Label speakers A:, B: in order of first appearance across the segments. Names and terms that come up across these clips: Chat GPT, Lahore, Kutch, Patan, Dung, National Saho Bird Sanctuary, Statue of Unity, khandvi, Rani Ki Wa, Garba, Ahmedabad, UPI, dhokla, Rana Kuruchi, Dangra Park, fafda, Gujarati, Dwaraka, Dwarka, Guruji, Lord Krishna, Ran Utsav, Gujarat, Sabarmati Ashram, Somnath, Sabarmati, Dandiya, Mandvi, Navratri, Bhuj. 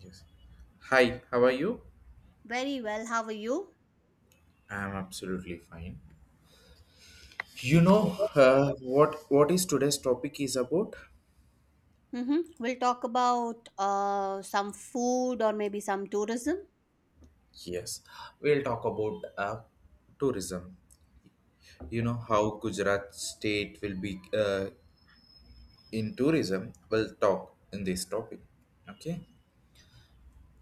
A: Yes. Hi, how are you?
B: Very well. How are you?
A: I'm absolutely fine. What is today's topic is about?
B: We'll talk about some food or maybe some tourism.
A: Yes. We'll talk about tourism. You know how Gujarat state will be in tourism. We'll talk in this topic. Okay.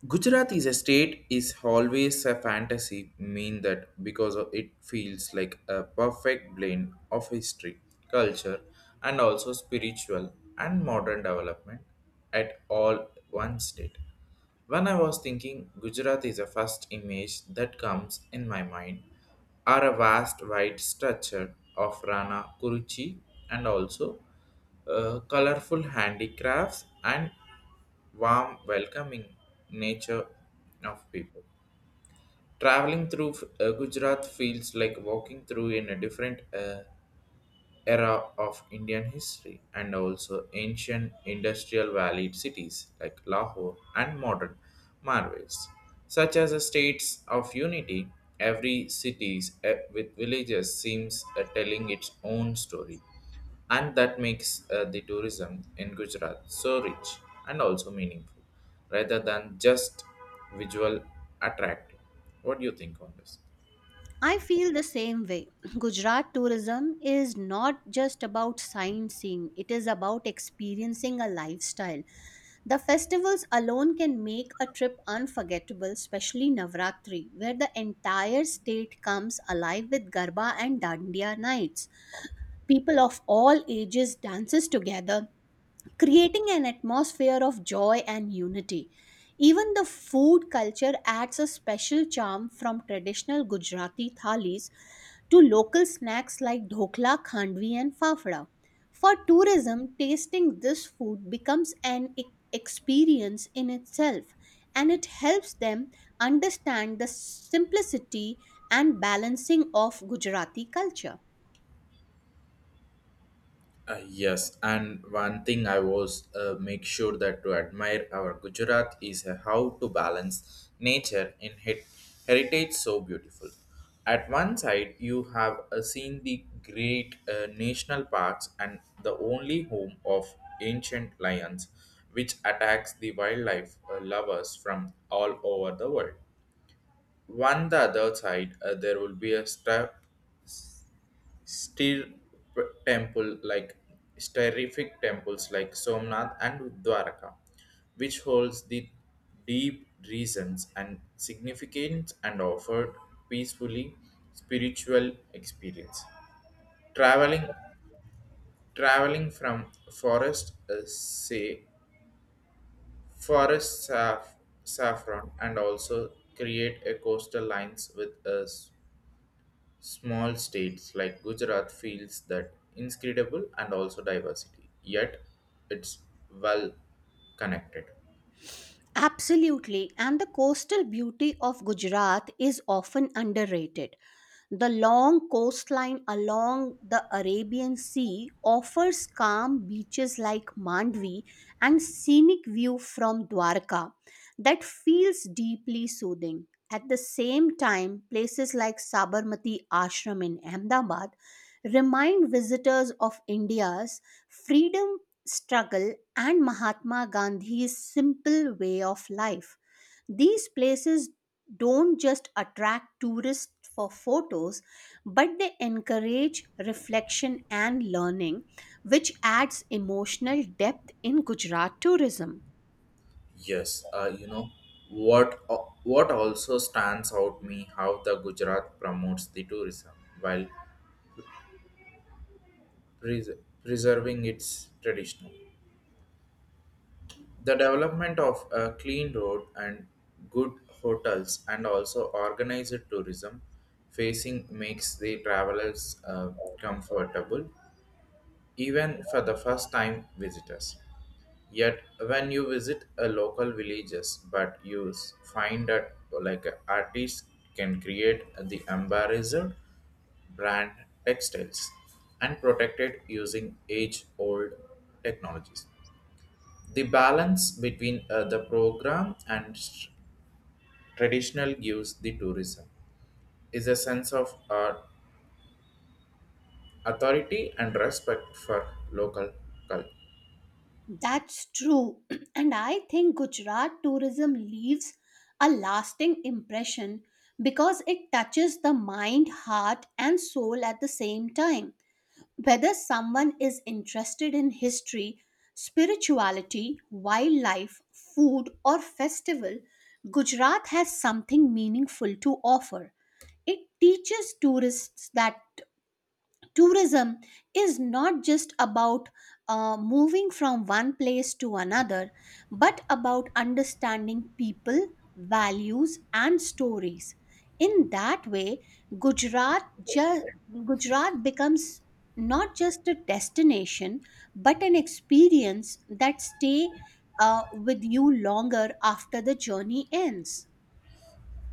A: Gujarat is a state is always a fantasy, mean that it feels like a perfect blend of history, culture, and also spiritual and modern development at all one state. When I was thinking, Gujarat is the first image that comes in my mind are a vast white structure of Rana Kuruchi and also colorful handicrafts and warm, welcoming nature of people. Traveling through Gujarat feels like walking through in a different era of Indian history and also ancient industrial valley cities like Lahore and modern marvels, such as the states of unity. Every cities with villages seems telling its own story, and that makes the tourism in Gujarat so rich and also meaningful, rather than just visual attractive. What do you think on this?
B: I feel the same way. Gujarat tourism is not just about sightseeing, it is about experiencing a lifestyle. The festivals alone can make a trip unforgettable, especially Navratri, where the entire state comes alive with Garba and Dandiya nights. People of all ages dances together creating an atmosphere of joy and unity. Even the food culture adds a special charm from traditional Gujarati thalis to local snacks like dhokla, khandvi, and fafda. For tourism, tasting this food becomes an experience in itself and it helps them understand the simplicity and balancing of Gujarati culture.
A: Yes, and one thing I was make sure that to admire our Gujarat is how to balance nature in heritage so beautiful. At one side, you have seen the great national parks and the only home of ancient lions, which attacks the wildlife lovers from all over the world. One the other side, there will be a step Stir temple like terrific temples like Somnath and Dwaraka, which holds the deep reasons and significance and offer peacefully spiritual experience. Traveling traveling from forest say forest saf- saffron and also create a coastal lines with us. Small states like Gujarat feels that inscrutable and also diversity, yet it's well connected.
B: Absolutely, and the coastal beauty of Gujarat is often underrated. The long coastline along the Arabian Sea offers calm beaches like Mandvi and scenic view from Dwarka that feels deeply soothing. At the same time, places like Sabarmati Ashram in Ahmedabad remind visitors of India's freedom struggle, and Mahatma Gandhi's simple way of life. These places don't just attract tourists for photos, but they encourage reflection and learning, which adds emotional depth in Gujarat tourism.
A: Yes, you know what uh, what also stands out me how the Gujarat promotes the tourism while pres- preserving its traditional. The development of a clean road and good hotels and also organized tourism facing makes the travelers comfortable even for the first time visitors. Yet, when you visit a local villages, but you find that like artists can create the embarrassed brand textiles and protected using age-old technologies. The balance between the program and traditional gives the tourism is a sense of authority and respect for local culture.
B: That's true. And I think Gujarat tourism leaves a lasting impression because it touches the mind, heart, and soul at the same time. Whether someone is interested in history, spirituality, wildlife, food, or festival, Gujarat has something meaningful to offer. It teaches tourists that tourism is not just about moving from one place to another but about understanding people, values, and stories. In that way, gujarat ju- gujarat becomes not just a destination but an experience that stay uh, with you longer after the journey ends.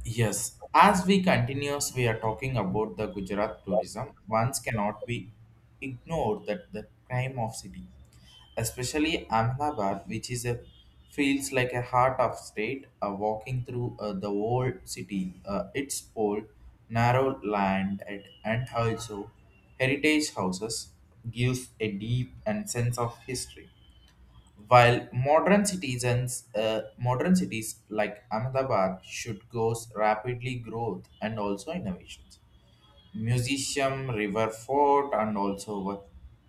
A: Yes, as we continues, we are talking about the Gujarat tourism. One cannot be ignored that the crime of city, especially Ahmedabad, which is a feels like a heart of state. Walking through the old city, its old narrow land and also heritage houses gives a deep and sense of history. While modern citizens, modern cities like Ahmedabad should go rapidly growth and also innovations. Museum, river fort, and also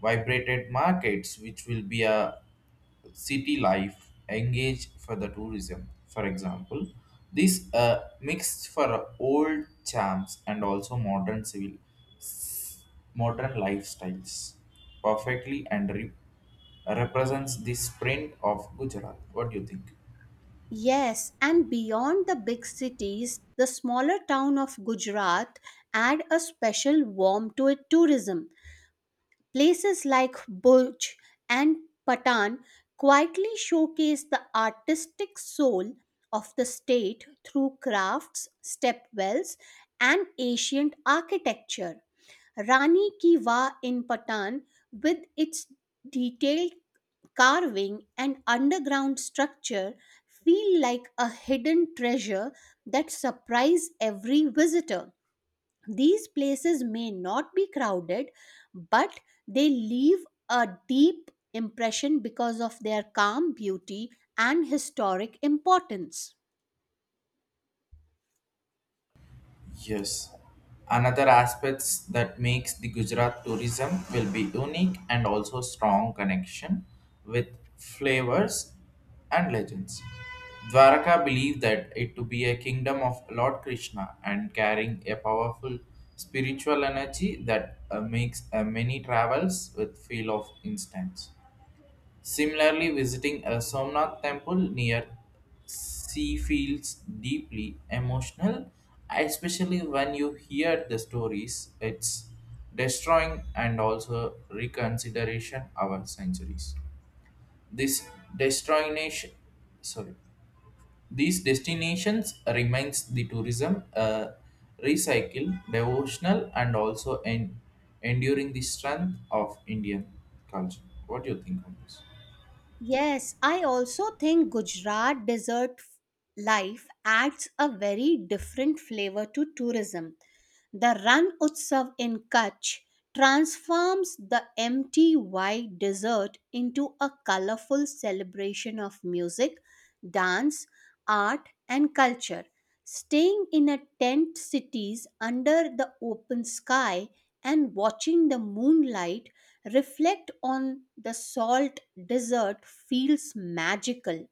A: vibrated markets, which will be a city life engaged for the tourism. For example, this mixed for old charms and also modern civil, modern lifestyles perfectly and represents the sprint of Gujarat. What do you think?
B: Yes, and beyond the big cities, the smaller town of Gujarat add a special warmth to its tourism. Places like Bhuj and Patan quietly showcase the artistic soul of the state through crafts, stepwells, and ancient architecture. Rani Ki Wa in Patan, with its detailed carving and underground structure, feel like a hidden treasure that surprise every visitor. These places may not be crowded, but they leave a deep impression because of their calm beauty and historic importance.
A: Yes. Another aspects that makes the Gujarat tourism will be unique and also strong connection with flavors and legends. Dwaraka believed that it to be a kingdom of Lord Krishna and carrying a powerful spiritual energy that makes many travels with feel of instance. Similarly, visiting a Somnath temple near sea feels deeply emotional, especially when you hear the stories it's destroying and also reconsideration our centuries. This destination, sorry, these destinations remains the tourism recycle, devotional, and also enduring the strength of Indian culture. What do you think on this?
B: Yes, I also think Gujarat desert life adds a very different flavor to tourism. The Ran Utsav in Kutch transforms the empty white desert into a colorful celebration of music, dance, art, and culture. Staying in a tent cities under the open sky and watching the moonlight reflect on the salt desert feels magical.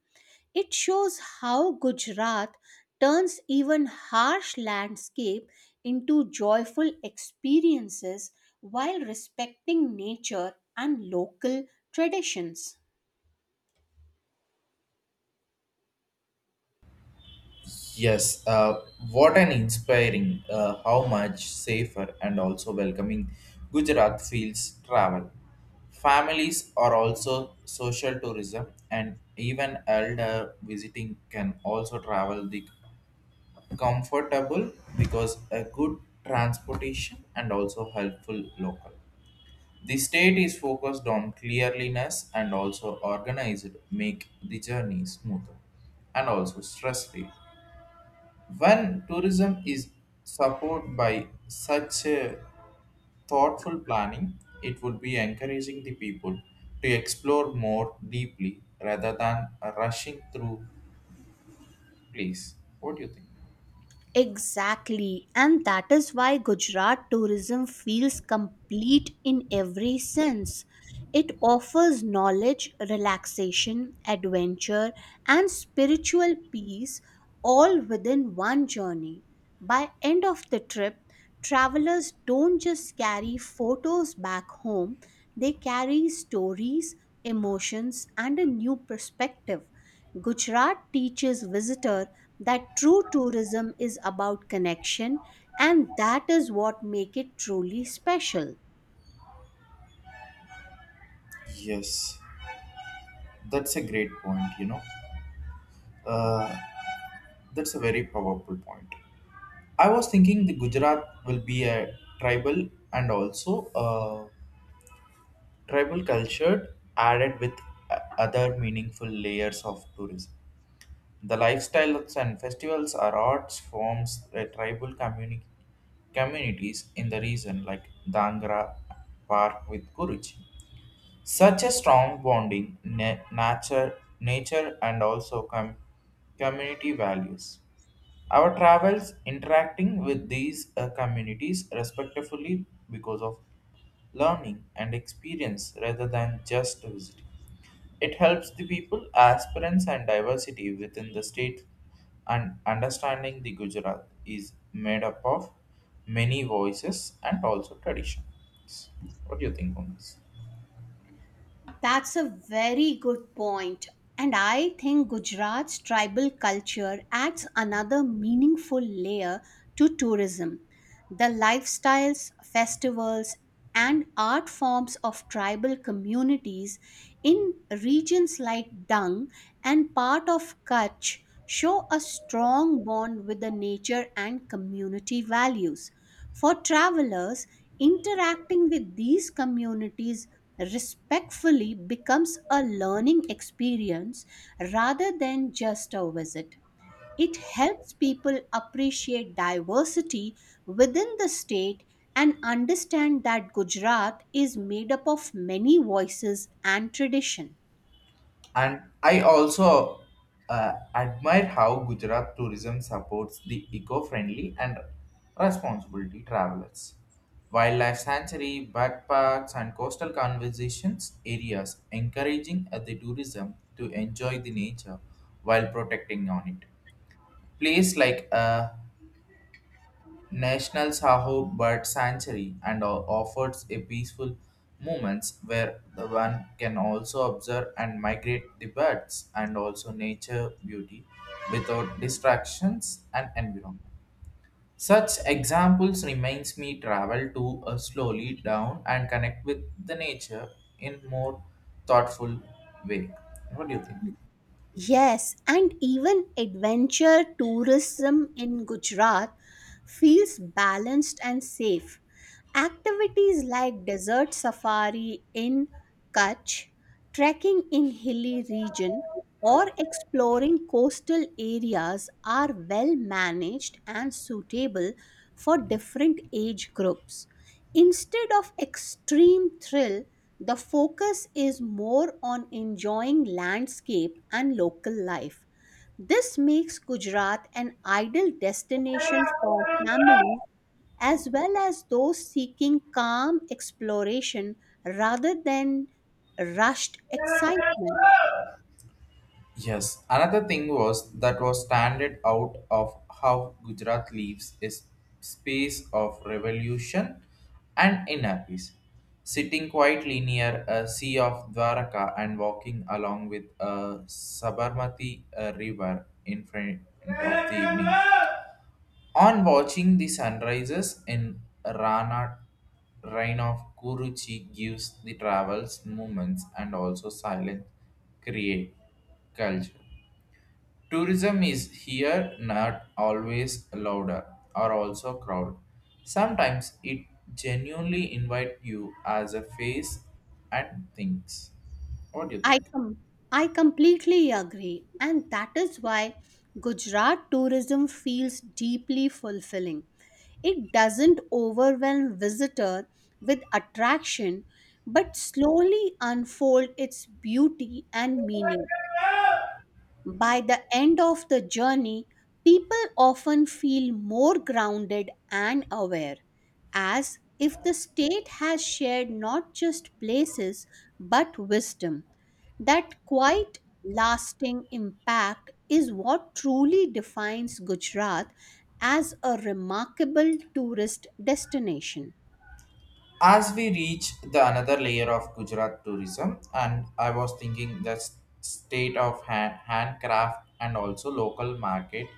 B: It shows how Gujarat turns even harsh landscape into joyful experiences while respecting nature and local traditions.
A: Yes, what an inspiring, how much safer and also welcoming Gujarat feels travel. Families are also social tourism, and even elder visiting can also travel the comfortable because a good transportation and also helpful local. The state is focused on cleanliness and also organized, make the journey smoother and also stress free. When tourism is supported by such a thoughtful planning, it would be encouraging the people to explore more deeply rather than rushing through place. What do you think?
B: Exactly, and that is why Gujarat tourism feels complete in every sense. It offers knowledge, relaxation, adventure, and spiritual peace all within one journey. By end of the trip, travelers don't just carry photos back home, they carry stories, emotions, and a new perspective. Gujarat teaches visitor that true tourism is about connection and that is what make it truly special.
A: Yes, that's a great point, you know. Uh, that's a very powerful point. I was thinking the Gujarat will be a tribal and also a tribal culture added with other meaningful layers of tourism. The lifestyles and festivals are arts forms tribal communities in the region like Dangra Park with Guruji. Such a strong bonding, nature and also community values. Our travels interacting with these communities respectfully because of learning and experience rather than just visiting. It helps the people, aspirants, and diversity within the state, and understanding the Gujarat is made up of many voices and also traditions. What do you think on this?
B: That's a very good point, and I think Gujarat's tribal culture adds another meaningful layer to tourism. The lifestyles, festivals, and art forms of tribal communities in regions like Dung and part of Kutch show a strong bond with the nature and community values. For travelers, interacting with these communities respectfully becomes a learning experience rather than just a visit. It helps people appreciate diversity within the state and understand that Gujarat is made up of many voices and tradition.
A: And I also admire how Gujarat tourism supports the eco friendly and responsibility travelers. Wildlife sanctuary, bird parks, and coastal conservations areas encouraging the tourism to enjoy the nature while protecting on it. Place like National Saho Bird Sanctuary and offers a peaceful moments where the one can also observe and migrate the birds and also nature beauty without distractions and environment. Such examples reminds me travel to a slowly down and connect with the nature in more thoughtful way. What do you think?
B: Yes, and even adventure tourism in Gujarat feels balanced and safe. Activities like desert safari in Kutch, trekking in hilly region, or exploring coastal areas are well managed and suitable for different age groups. Instead of extreme thrill, the focus is more on enjoying landscape and local life. This makes Gujarat an ideal destination for families as well as those seeking calm exploration rather than rushed excitement.
A: Yes, another thing was that was standard out of how Gujarat lives is space of revolution and inner peace. Sitting quietly near a sea of Dwaraka and walking along with a Sabarmati river in front of the evening. On watching the sunrises in Rana Rain of Kuruchi gives the travels moments and also silent create culture. Tourism is here not always louder or also crowd. Sometimes it genuinely invite you as a face and things. What do you
B: I
A: think?
B: com- I completely agree, and that is why Gujarat tourism feels deeply fulfilling. It doesn't overwhelm visitor with attraction, but slowly unfold its beauty and meaning. By the end of the journey, people often feel more grounded and aware, as if the state has shared not just places but wisdom. That quite lasting impact is what truly defines Gujarat as a remarkable tourist destination.
A: As we reach the another layer of Gujarat tourism, and I was thinking the state of hand, handcraft and also local market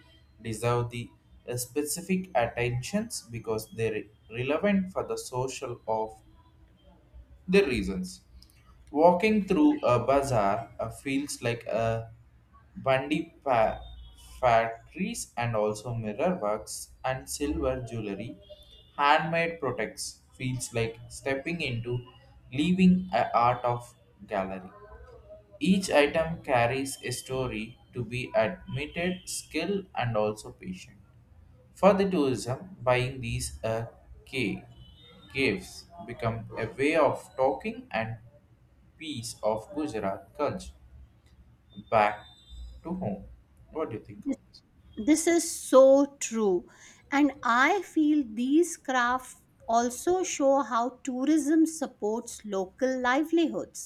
A: deserve the specific attentions because they're relevant for the social of the reasons. Walking through a bazaar feels like a bundy pa- factories and also mirror works and silver jewelry. Handmade products feels like stepping into leaving a art of gallery. Each item carries a story to be admitted, skill and also patient. For the tourism, buying these ca- caves become a way of talking and piece of Gujarat culture back to home. What do you think of this?
B: This is so true, and I feel these crafts also show how tourism supports local livelihoods.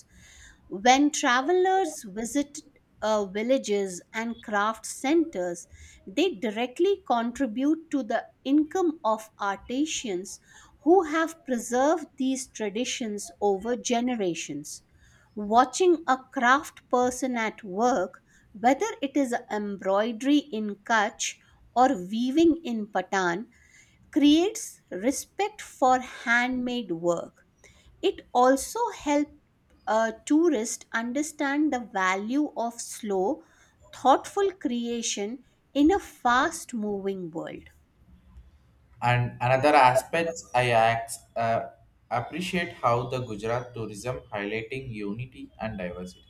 B: When travelers visit villages and craft centers, they directly contribute to the income of artisans who have preserved these traditions over generations. Watching a craft person at work, whether it is embroidery in Kutch or weaving in Patan, creates respect for handmade work. It also helps tourists understand the value of slow, thoughtful creation in a fast moving world.
A: And another aspect I appreciate how the Gujarat tourism highlighting unity and diversity.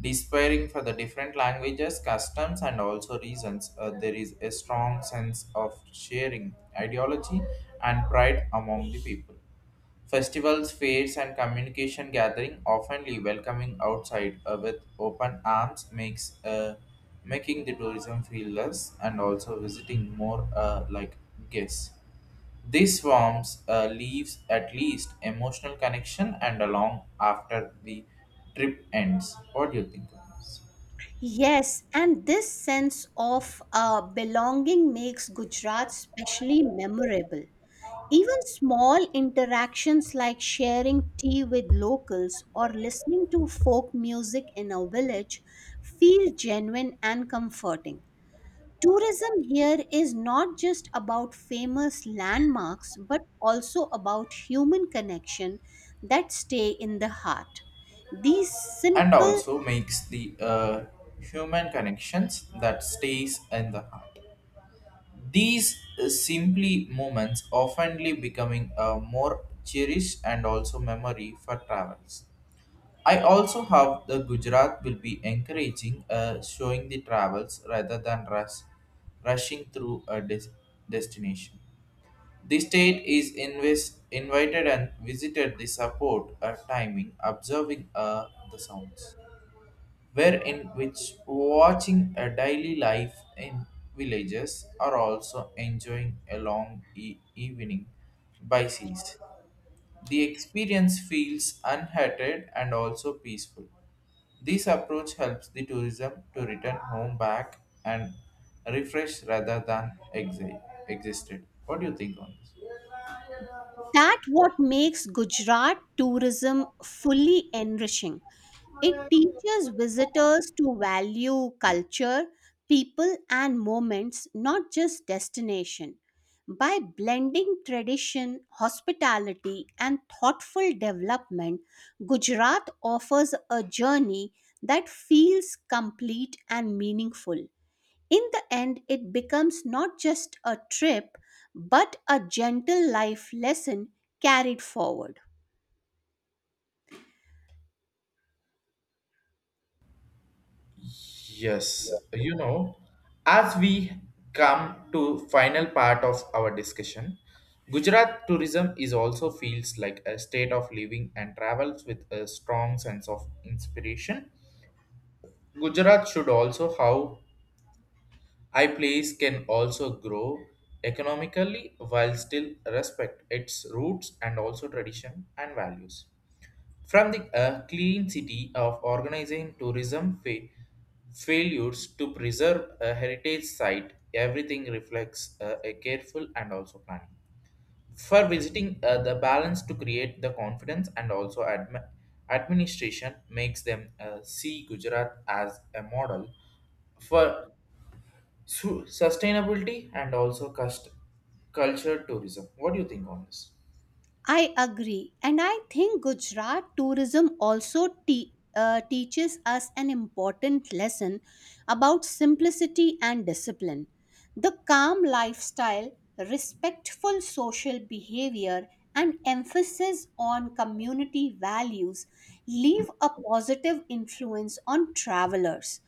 A: Despairing for the different languages, customs, and also reasons, there is a strong sense of sharing ideology and pride among the people. Festivals, fairs, and communication gathering oftenly welcoming outside with open arms makes making the tourism feel less and also visiting more like guests. These forms leaves at least emotional connection and along after the trip ends. What do you think of this?
B: Yes, and this sense of belonging makes Gujarat specially memorable. Even small interactions like sharing tea with locals or listening to folk music in a village feel genuine and comforting. Tourism here is not just about famous landmarks, but also about human connection that stay in the heart. These
A: And
B: simple
A: also makes the human connections that stays in the heart. These simply moments oftenly becoming a more cherished and also memory for travels. I also have the Gujarat will be encouraging showing the travels rather than rushing through a destination. The state is invited and visited the support timing, observing the sounds, wherein which watching a daily life in villages are also enjoying a long evening by seas. The experience feels unhindered and also peaceful. This approach helps the tourism to return home back and refresh rather than existed. What do you think on this?
B: that what makes Gujarat tourism fully enriching. It teaches visitors to value culture, people, and moments, not just destination. By blending tradition, hospitality, and thoughtful development, Gujarat offers a journey that feels complete and meaningful. In the end, it becomes not just a trip, but a gentle life lesson carried forward.
A: Yes, you know, as we come to final part of our discussion, Gujarat tourism is also feels like a state of living and travels with a strong sense of inspiration. Gujarat should also how high place can also grow economically while still respect its roots and also tradition and values. From the clean city of organizing tourism failures to preserve a heritage site, everything reflects a careful and also planning. For visiting the balance to create the confidence and also administration makes them see Gujarat as a model for sustainability and also culture tourism. What do you think on this?
B: I agree. And I think Gujarat tourism also teaches us an important lesson about simplicity and discipline. The calm lifestyle, respectful social behavior, and emphasis on community values leave a positive influence on travelers.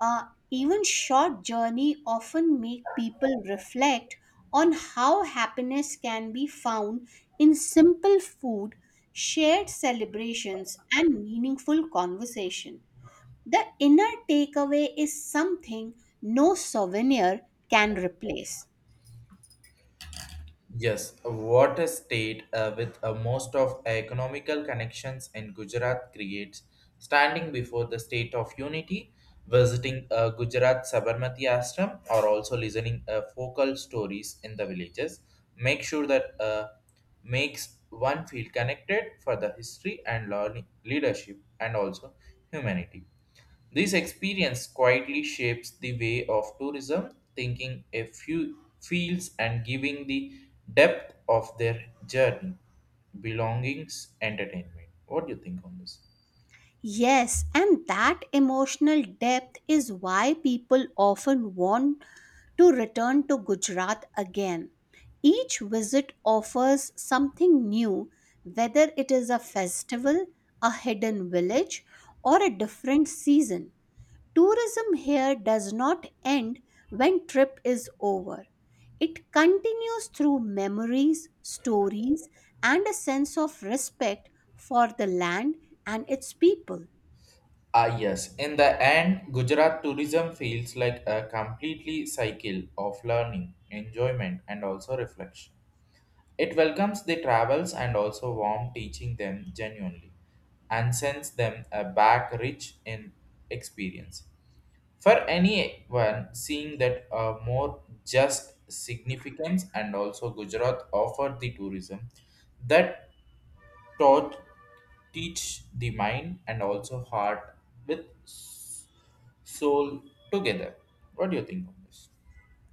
B: Uh, Even short journey often make people reflect on how happiness can be found in simple food, shared celebrations, and meaningful conversation. The inner takeaway is something no souvenir can replace.
A: Yes, what a water state with most of economical connections in Gujarat creates standing before the state of unity. Visiting Gujarat Sabarmati Ashram or also listening focal stories in the villages make sure that makes one feel connected for the history and learning, leadership and also humanity. This experience quietly shapes the way of tourism, thinking a few fields and giving the depth of their journey, belongings, entertainment. What do you think on this?
B: Yes, and that emotional depth is why people often want to return to Gujarat again. Each visit offers something new, whether it is a festival, a hidden village, or a different season. Tourism here does not end when trip is over. It continues through memories, stories, and a sense of respect for the land and its people.
A: Ah, yes. In the end, Gujarat tourism feels like a completely cycle of learning, enjoyment, and also reflection. It welcomes the travels and also warm teaching them genuinely and sends them a back rich in experience. For anyone seeing that a more just significance and also Gujarat offered the tourism that taught teach the mind and also heart with soul together. What do you think on this?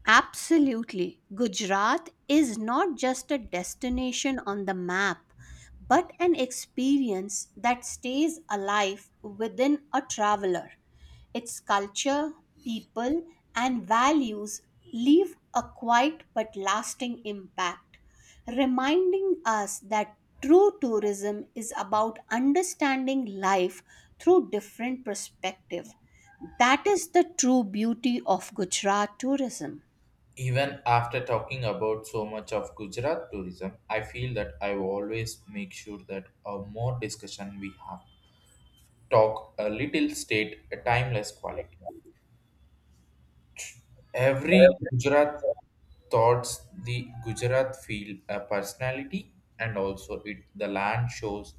B: Absolutely. Gujarat is not just a destination on the map, but an experience that stays alive within a traveler. Its culture, people, and values leave a quiet but lasting impact, reminding us that true tourism is about understanding life through different perspectives. That is the true beauty of Gujarat tourism.
A: Even after talking about so much of Gujarat tourism, I feel that I will always make sure that a more discussion we have talk a little state a timeless quality. Every Gujarat thoughts the Gujarat feel a personality and also it the land shows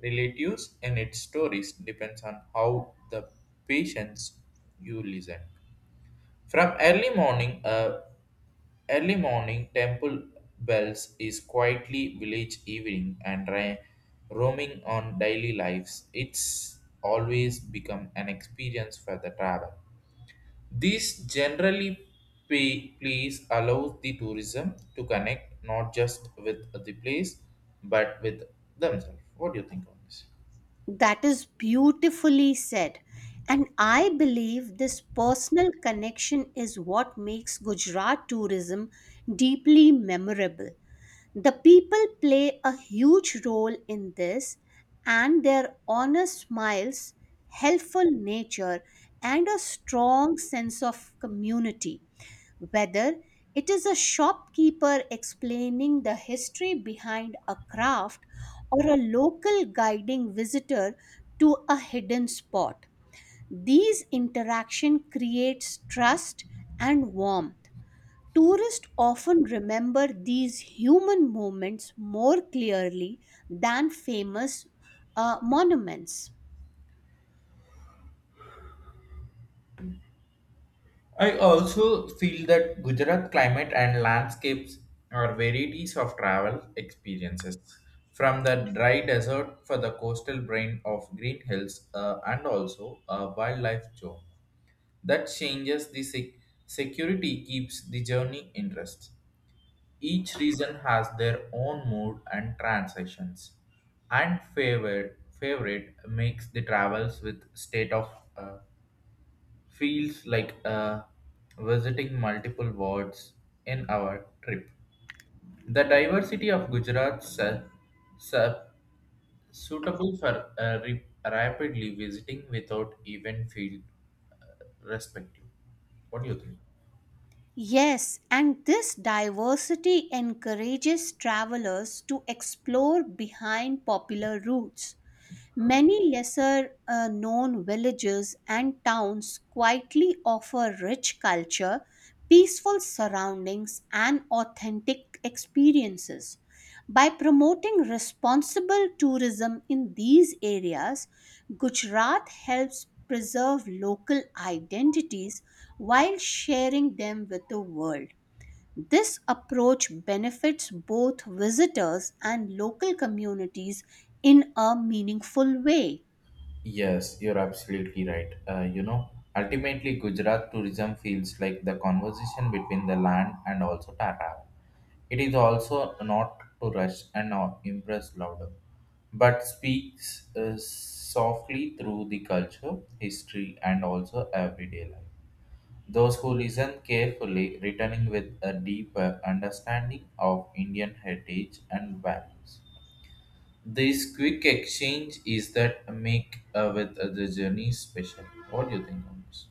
A: relatives and its stories depends on how the patients you listen. From early morning temple bells is quietly village evening and roaming on daily lives. It's always become an experience for the travel. These generally pay, please allows the tourism to connect not just with the place but with themselves. What do you think on this?
B: That is beautifully said. And I believe this personal connection is what makes Gujarat tourism deeply memorable. The people play a huge role in this, and their honest smiles, helpful nature, and a strong sense of community, whether it is a shopkeeper explaining the history behind a craft or a local guiding visitor to a hidden spot. These interaction creates trust and warmth. Tourists often remember these human moments more clearly than famous monuments.
A: I also feel that Gujarat climate and landscapes are varieties of travel experiences. From the dry desert for the coastal brain of green hills and also a wildlife zone. That changes the security keeps the journey interest. Each region has their own mood and transitions, and favorite makes the travels with state of uh, feels like visiting multiple worlds in our trip. The diversity of Gujarat su- suitable for rapidly visiting without even feel respective. What do you think?
B: Yes, and this diversity encourages travelers to explore behind popular routes. Many lesser known villages and towns quietly offer rich culture, peaceful surroundings, and authentic experiences. By promoting responsible tourism in these areas, Gujarat helps preserve local identities while sharing them with the world. This approach benefits both visitors and local communities in a meaningful way.
A: Yes, you're absolutely right. You know, ultimately, Gujarat tourism feels like the conversation between the land and also the. It is also not to rush and not impress louder, but speaks softly through the culture, history, and also everyday life. Those who listen carefully, returning with a deeper understanding of Indian heritage and values. This quick exchange is that make with the journey special. What do you think on this?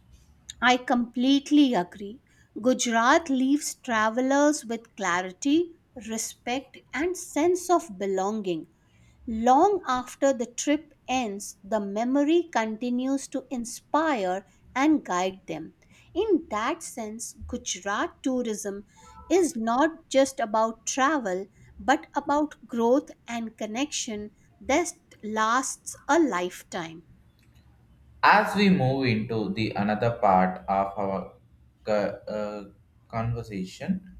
B: I completely agree. Gujarat leaves travelers with clarity, respect, and sense of belonging. Long after the trip ends, the memory continues to inspire and guide them. In that sense, Gujarat tourism is not just about travel but about growth and connection that lasts a lifetime.
A: As we move into the another part of our co- uh, conversation,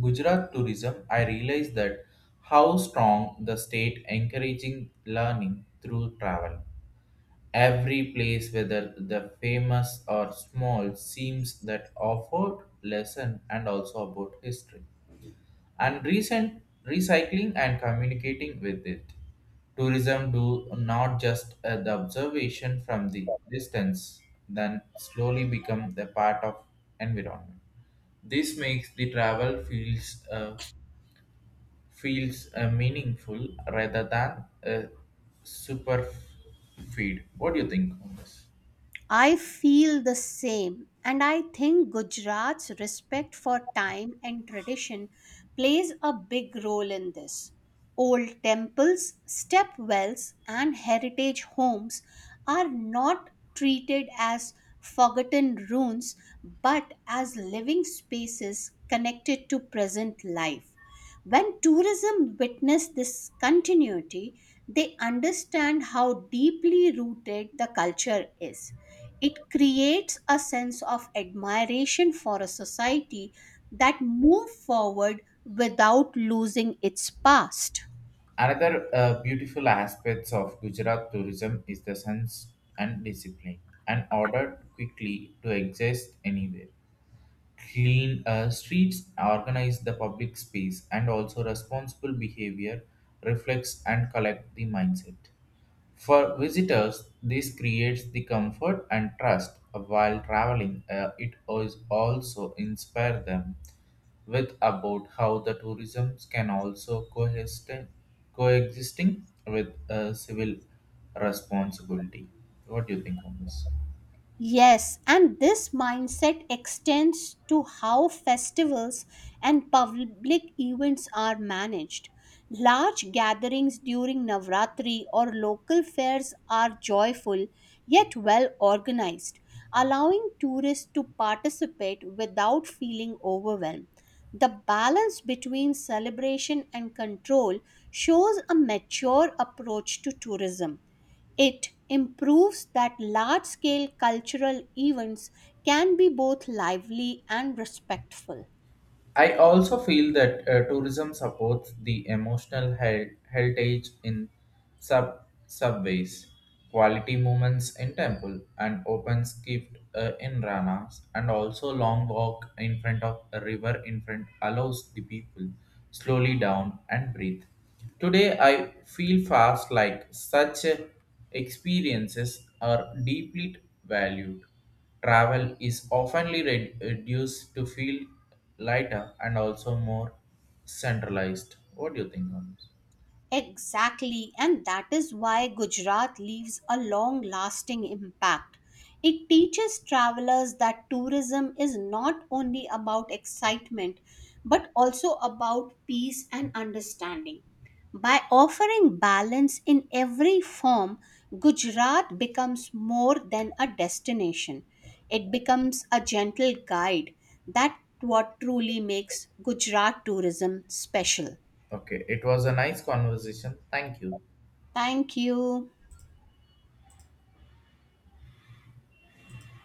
A: Gujarat tourism, I realized that how strong the state encouraging learning through travel. Every place, whether the famous or small, seems that offered lesson and also about history and recent recycling and communicating with it. Tourism do not just the observation from the distance, then slowly become the part of environment. This makes the travel feels meaningful rather than a super feed. What do you think on this?
B: I feel the same, and I think Gujarat's respect for time and tradition plays a big role in this. Old temples, step wells, and heritage homes are not treated as forgotten ruins but as living spaces connected to present life. When tourism witness this continuity, they understand how deeply rooted the culture is. It creates a sense of admiration for a society that moves forward without losing its past.
A: Another beautiful aspects of Gujarat tourism is the sense and discipline, and order quickly to exist anywhere. Clean streets organize the public space, and also responsible behavior reflects and collect the mindset. For visitors, this creates the comfort and trust while traveling. It is also inspire them with about how the tourism can also coexisting with civil responsibility. What do you think on this?
B: Yes, and this mindset extends to how festivals and public events are managed. Large gatherings during Navratri or local fairs are joyful yet well organized, allowing tourists to participate without feeling overwhelmed. The balance between celebration and control shows a mature approach to tourism. It improves that large scale cultural events can be both lively and respectful.
A: I also feel that tourism supports the emotional heritage in sub subways, quality moments in temple, and open skift in ranas, and also long walk in front of a river in front allows the people slowly down and breathe. Today, I feel fast like such experiences are deeply valued. Travel is oftenly reduced to feel lighter and also more centralized. What do you think on this?
B: Exactly, and that is why Gujarat leaves a long lasting impact. It teaches travelers that tourism is not only about excitement but also about peace and understanding. By offering balance in every form, Gujarat becomes more than a destination. It becomes a gentle guide. That's what truly makes Gujarat tourism special.
A: Okay, it was a nice conversation. Thank you.
B: Thank you.